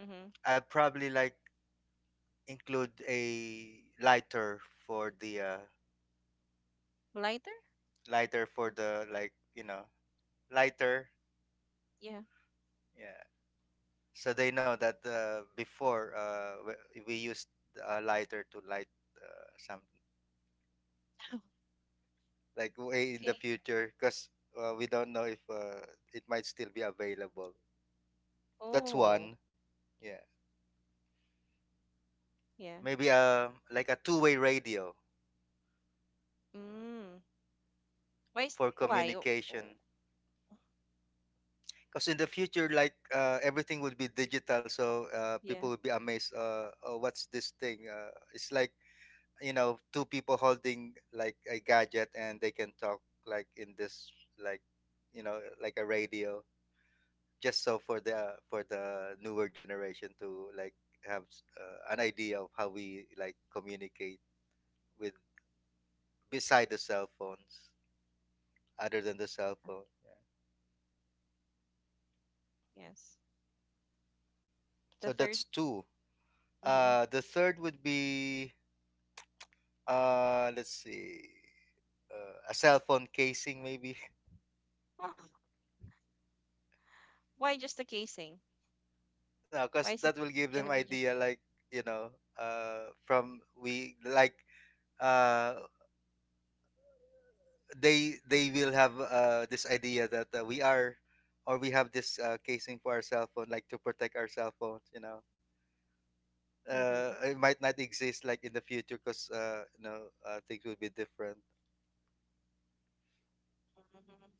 A: Mm-hmm.
B: I'd probably like include a lighter for the uh
A: Lighter?
B: lighter for the like you know lighter
A: Yeah.
B: yeah so they know that before we used a lighter to light some like way in the
A: Okay.
B: future because we don't know if it might still be available. That's
A: Oh,
B: one yeah
A: yeah.
B: maybe like a two-way radio
A: Mm. Why is
B: for
A: why? Oh, oh,
B: communication because in the future like everything would be digital so people
A: yeah.
B: would be amazed, oh, what's this thing it's like you know two people holding like a gadget and they can talk like in this like you know like a radio just so for the newer generation to like have an idea of how we like communicate with beside the cell phones, other than the cell phone yeah.
A: Yes.
B: So
A: The third.
B: that's two
A: Mm-hmm.
B: the third would be. Let's see. A cell phone casing maybe.
A: Oh, why just the casing?
B: No, cause
A: Why is
B: that
A: it
B: will give them
A: gonna be just
B: idea like, you know, from we like uh they will have this idea that we are or we have this casing for our cell phone like to protect our cell phones, you know.
A: Mm-hmm.
B: It might not exist like in the future because you know things will be different.
A: hmm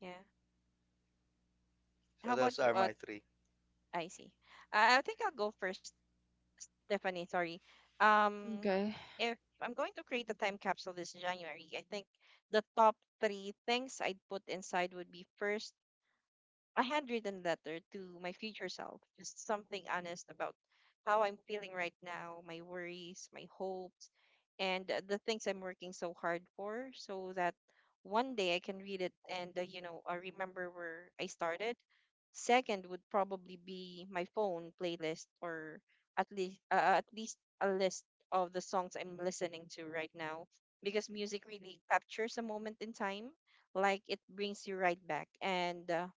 A: Yeah.
B: So
A: How
B: those
A: about you,
B: are my three.
A: Icy? I think I'll go first, Stephanie. Sorry. Um,
C: Okay,
A: if I'm going to create a time capsule this January, I think the top three things I'd put inside would be first, a handwritten letter to my future self, just something honest about how I'm feeling right now, my worries, my hopes, and the things I'm working so hard for, so that one day I can read it and remember where I started. Second would probably be my phone playlist, or at least a list of the songs I'm listening to right now, because music really captures a moment in time, like it brings you right back. and uh,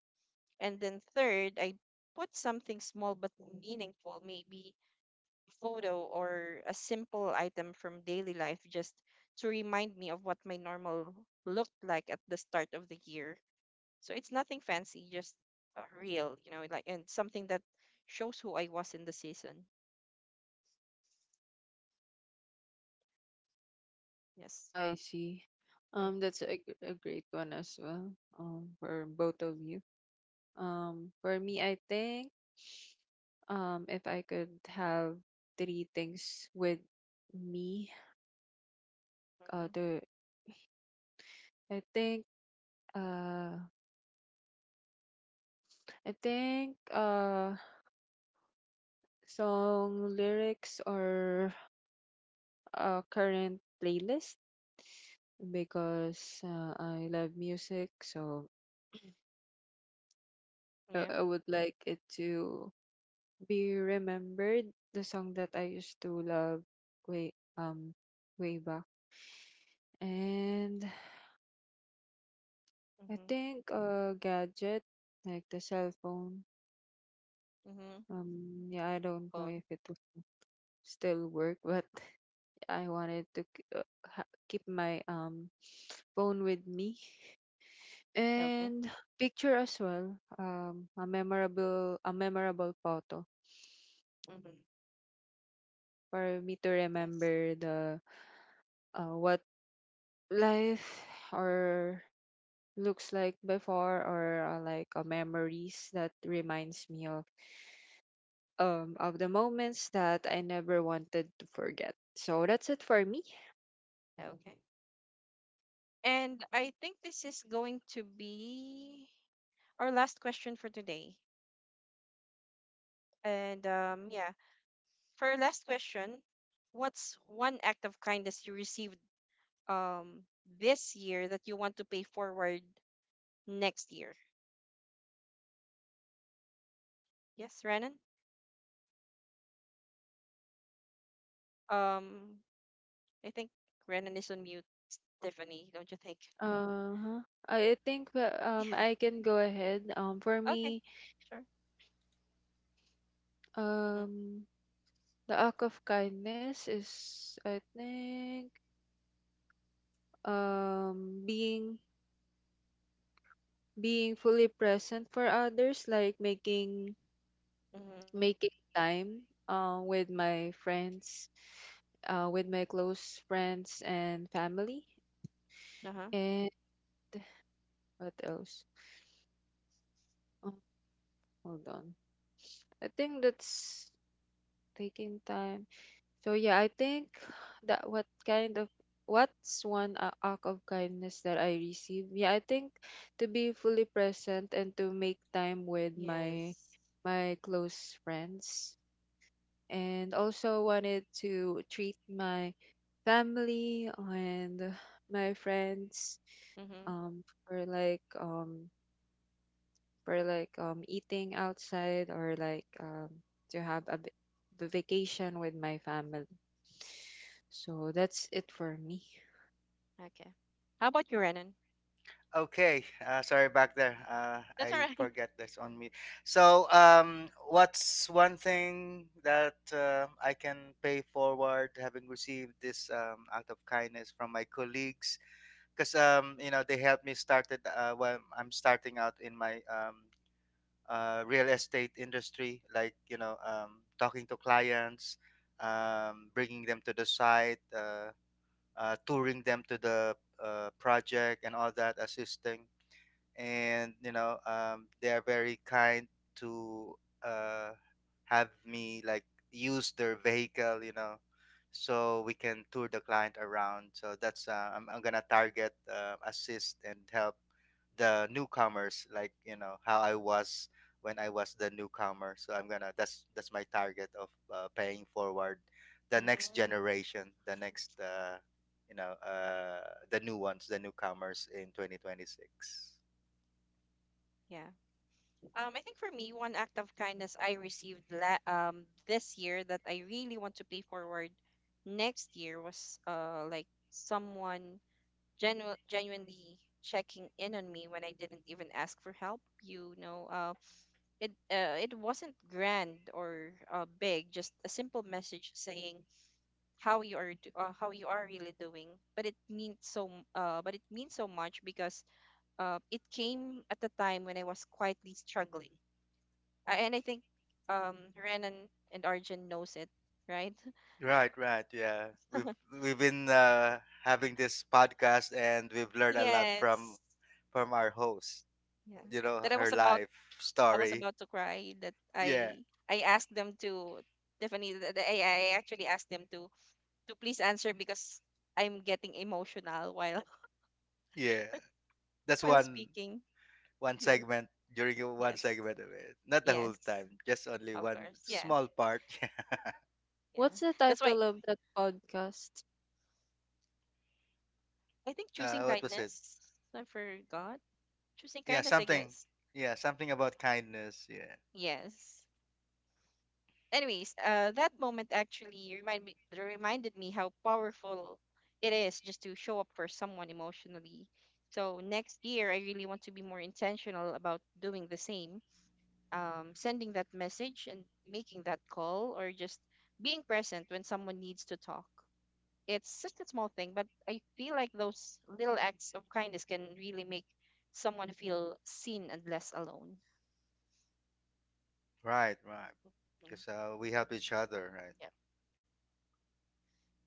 A: and then third, I put something small but meaningful, maybe a photo or a simple item from daily life, just to remind me of what my normal looked like at the start of the year. So it's nothing fancy, just real, like, and something that shows who I was in the season. Yes.
C: I see.
A: Mm-hmm.
C: That's a, g- a great one as well. For both of you. For me, I think, if I could have three things with me,
A: Mm-hmm.
C: the I think, uh, I think, song lyrics or current playlist. Because I love music, so
A: Yeah.
C: I would like it to be remembered. The song that I used to love way um way back. And I
A: Mm-hmm.
C: think a gadget, like the cell phone.
A: Mm-hmm.
C: Yeah, I don't know
A: Phone.
C: if it will still work, but I wanted to k- ha- keep my phone with me,
A: Okay.
C: and picture as well. Um, a memorable photo
A: Mm-hmm.
C: for me to remember the what life or looks like before, or memories that reminds me of the moments that I never wanted to forget. So that's it for me.
A: Okay. And I think this is going to be our last question for today. And um, yeah, for our last question, what's one act of kindness you received um this year that you want to pay forward next year? Yes, Renan. Um, I think Renan is on mute. Tiffany, don't you think?
C: Uh-huh. I think that, I can go ahead. For
A: Okay,
C: me,
A: sure. Mhm,
C: um the act of kindness is, I think, um being being fully present for others, like making
A: mhm,
C: making time with my friends, with my close friends and family.
A: uh huh.
C: And what else? Oh, hold on. I think that's taking time. So yeah, I think that what kind of what's one a- act of kindness that I receive? Yeah, I think to be fully present and to make time with
A: Yes.
C: my close friends. And also wanted to treat my family and my friends
A: Mhm.
C: um for like um for like eating outside, or like to have a b- the vacation with my family. So that's it for me.
A: Okay. How about you, Renan?
B: Okay, sorry back there.
A: That's all
B: I
A: right.
B: forget this on me. So, what's one thing that I can pay forward having received this act of kindness from my colleagues? Because you know they helped me started when I'm starting out in my real estate industry, like you know talking to clients, bringing them to the site, touring them to the project, and all that assisting and you know they are very kind to uh, have me like use their vehicle you know so we can tour the client around. So that's I'm gonna target assist and help the newcomers like you know how I was when I was the newcomer, so I'm gonna, that's my target of paying forward the next
A: Mm,
B: generation, the next you know the new ones, the newcomers in 2026.
A: yeah. I think for me, one act of kindness I received this year that I really want to pay forward next year was like someone genuinely checking in on me when I didn't even ask for help. You know, it wasn't grand or big, just a simple message saying how you are really doing. But it means so much because it came at a time when I was quietly struggling, and I think Renan and Arjun knows it, right?
B: Right, right. Yeah. We've been having this podcast and we've learned a lot
A: Yes.
B: from our host.
A: Yeah.
B: You know,
A: That
B: her life
A: I was
B: story.
A: about to cry that
B: Yeah.
A: I I asked them to Tiffany, that I actually asked them to please answer because I'm getting emotional while
B: Yeah. That's
A: while
B: one
A: speaking.
B: one
A: Yeah.
B: segment during your one
A: Yes.
B: segment of it. Not the whole
A: Yes.
B: time, just only
A: Of
B: one
A: course. Yeah.
B: small part.
A: Yeah.
C: What's the
A: That's why
C: title of that podcast?
A: I think choosing
B: Yeah. What was it?
A: kindness. I forgot. Choosing
B: Yeah,
A: kindness, I
B: something.
A: guess.
B: Yeah, something about kindness. Yeah.
A: Yes. Anyways, that moment actually reminded me how powerful it is just to show up for someone emotionally. So next year, I really want to be more intentional about doing the same, sending that message and making that call, or just being present when someone needs to talk. It's such a small thing, but I feel like those little acts of kindness can really make someone feel seen and less alone.
B: Right, right.
A: Mhm.
B: Because we help each other, right?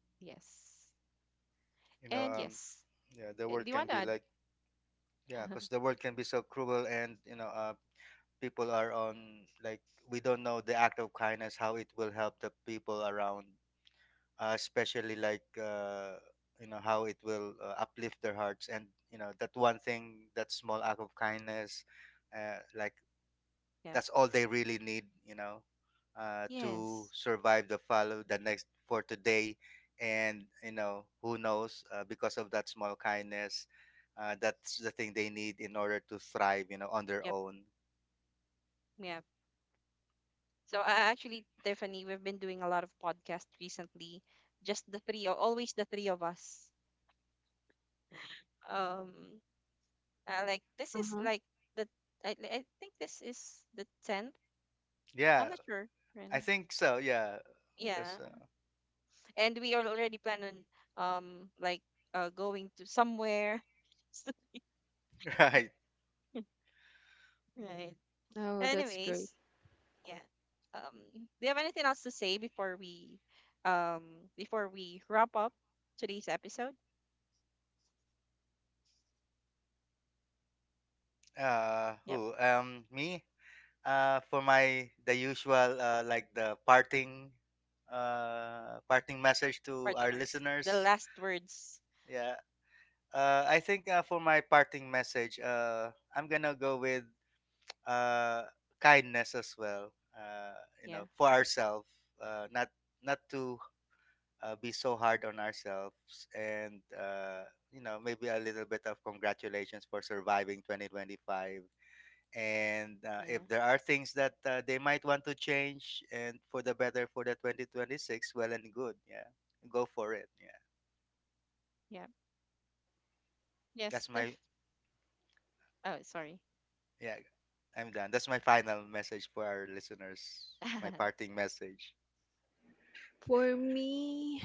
A: Yes.
B: You know,
A: And yes.
B: yeah, the
A: Do
B: world
A: you
B: can
A: want to
B: be
A: add?
B: like. Yeah, because the world can be so cruel, and you know, people are on like we don't know the act of kindness how it will help the people around, especially like you know how it will uplift their hearts, and you know that one thing, that small act of kindness, like
A: Yep.
B: that's all they really need, you know, to
A: Yes.
B: survive the follow the next for today, and you know who knows, because of that small kindness that's the thing they need in order to thrive, you know, on their
A: Yep.
B: own.
A: Yep. So actually, Tiffany, we've been doing a lot of podcasts recently. Just the three, always the three of us. Um, like this is
C: Uh-huh.
A: like the, I think this is the 10th. I'm
B: Yeah,
A: not sure.
B: I
A: Renan.
B: think so, yeah.
A: Yeah,
B: Because
A: and we are already planning like going to somewhere.
B: right
A: Right.
C: Oh, that's great.
A: Anyways, yeah. Um, do you have anything else to say um before we wrap up today's episode? Yep.
B: who me for my the usual like the parting parting message to
A: Parting
B: our
A: words, the
B: listeners,
A: last words.
B: yeah. I think for my parting message, I'm gonna go with uh, kindness as well. You
A: Yeah,
B: know, for ourselves, uh, not not to be so hard on ourselves, and you know, maybe a little bit of congratulations for surviving 2025. And
A: yeah,
B: if there are things that they might want to change and for the better for the 2026, well and good. Yeah, go for it. Yeah,
A: yeah. Yes,
B: that's my.
A: Tiff. Oh, sorry.
B: Yeah, I'm done. That's my final message for our listeners. My parting message.
C: For me,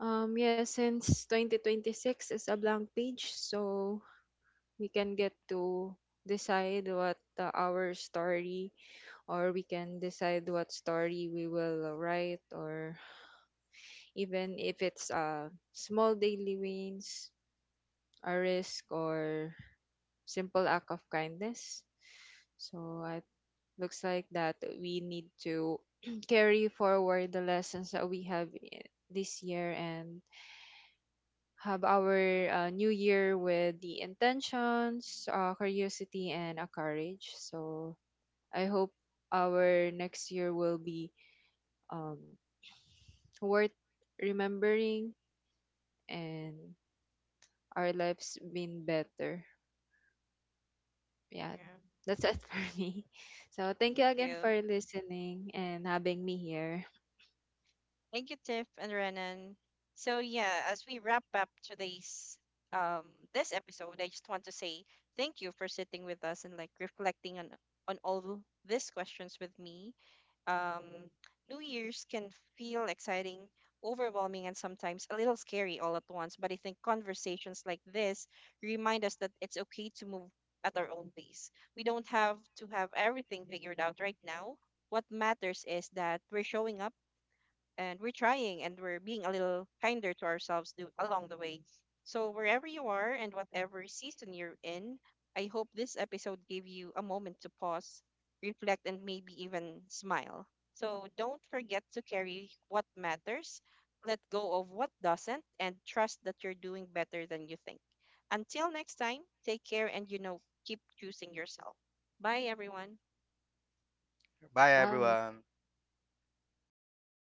C: yeah, since 2026 is a blank page, so we can get to decide what our story, or we can decide what story we will write. Or even if it's small daily wins, a risk, or simple act of kindness, so it looks like that we need to carry forward the lessons that we have this year, and have our new year with the intentions, curiosity, and a courage. So I hope our next year will be um, worth remembering, and our lives been better. Yeah,
A: Yeah.
C: that's it for me. So thank you
A: Thank
C: again for
A: you.
C: listening and having me here.
A: Thank you, Tiff and Renan. So yeah, as we wrap up today's um this episode, I just want to say thank you for sitting with us and like reflecting on all these questions with me. um, New Year's can feel exciting, overwhelming, and sometimes a little scary all at once. But I think conversations like this remind us that it's okay to move at our own pace. We don't have to have everything figured out right now. What matters is that we're showing up and we're trying and we're being a little kinder to ourselves do, along the way. So, wherever you are and whatever season you're in, I hope this episode gave you a moment to pause, reflect, and maybe even smile. So, don't forget to carry what matters, let go of what doesn't, and trust that you're doing better than you think. Until next time, take care and you know, keep choosing yourself. Bye, everyone.
B: Bye,
C: Bye.
B: everyone.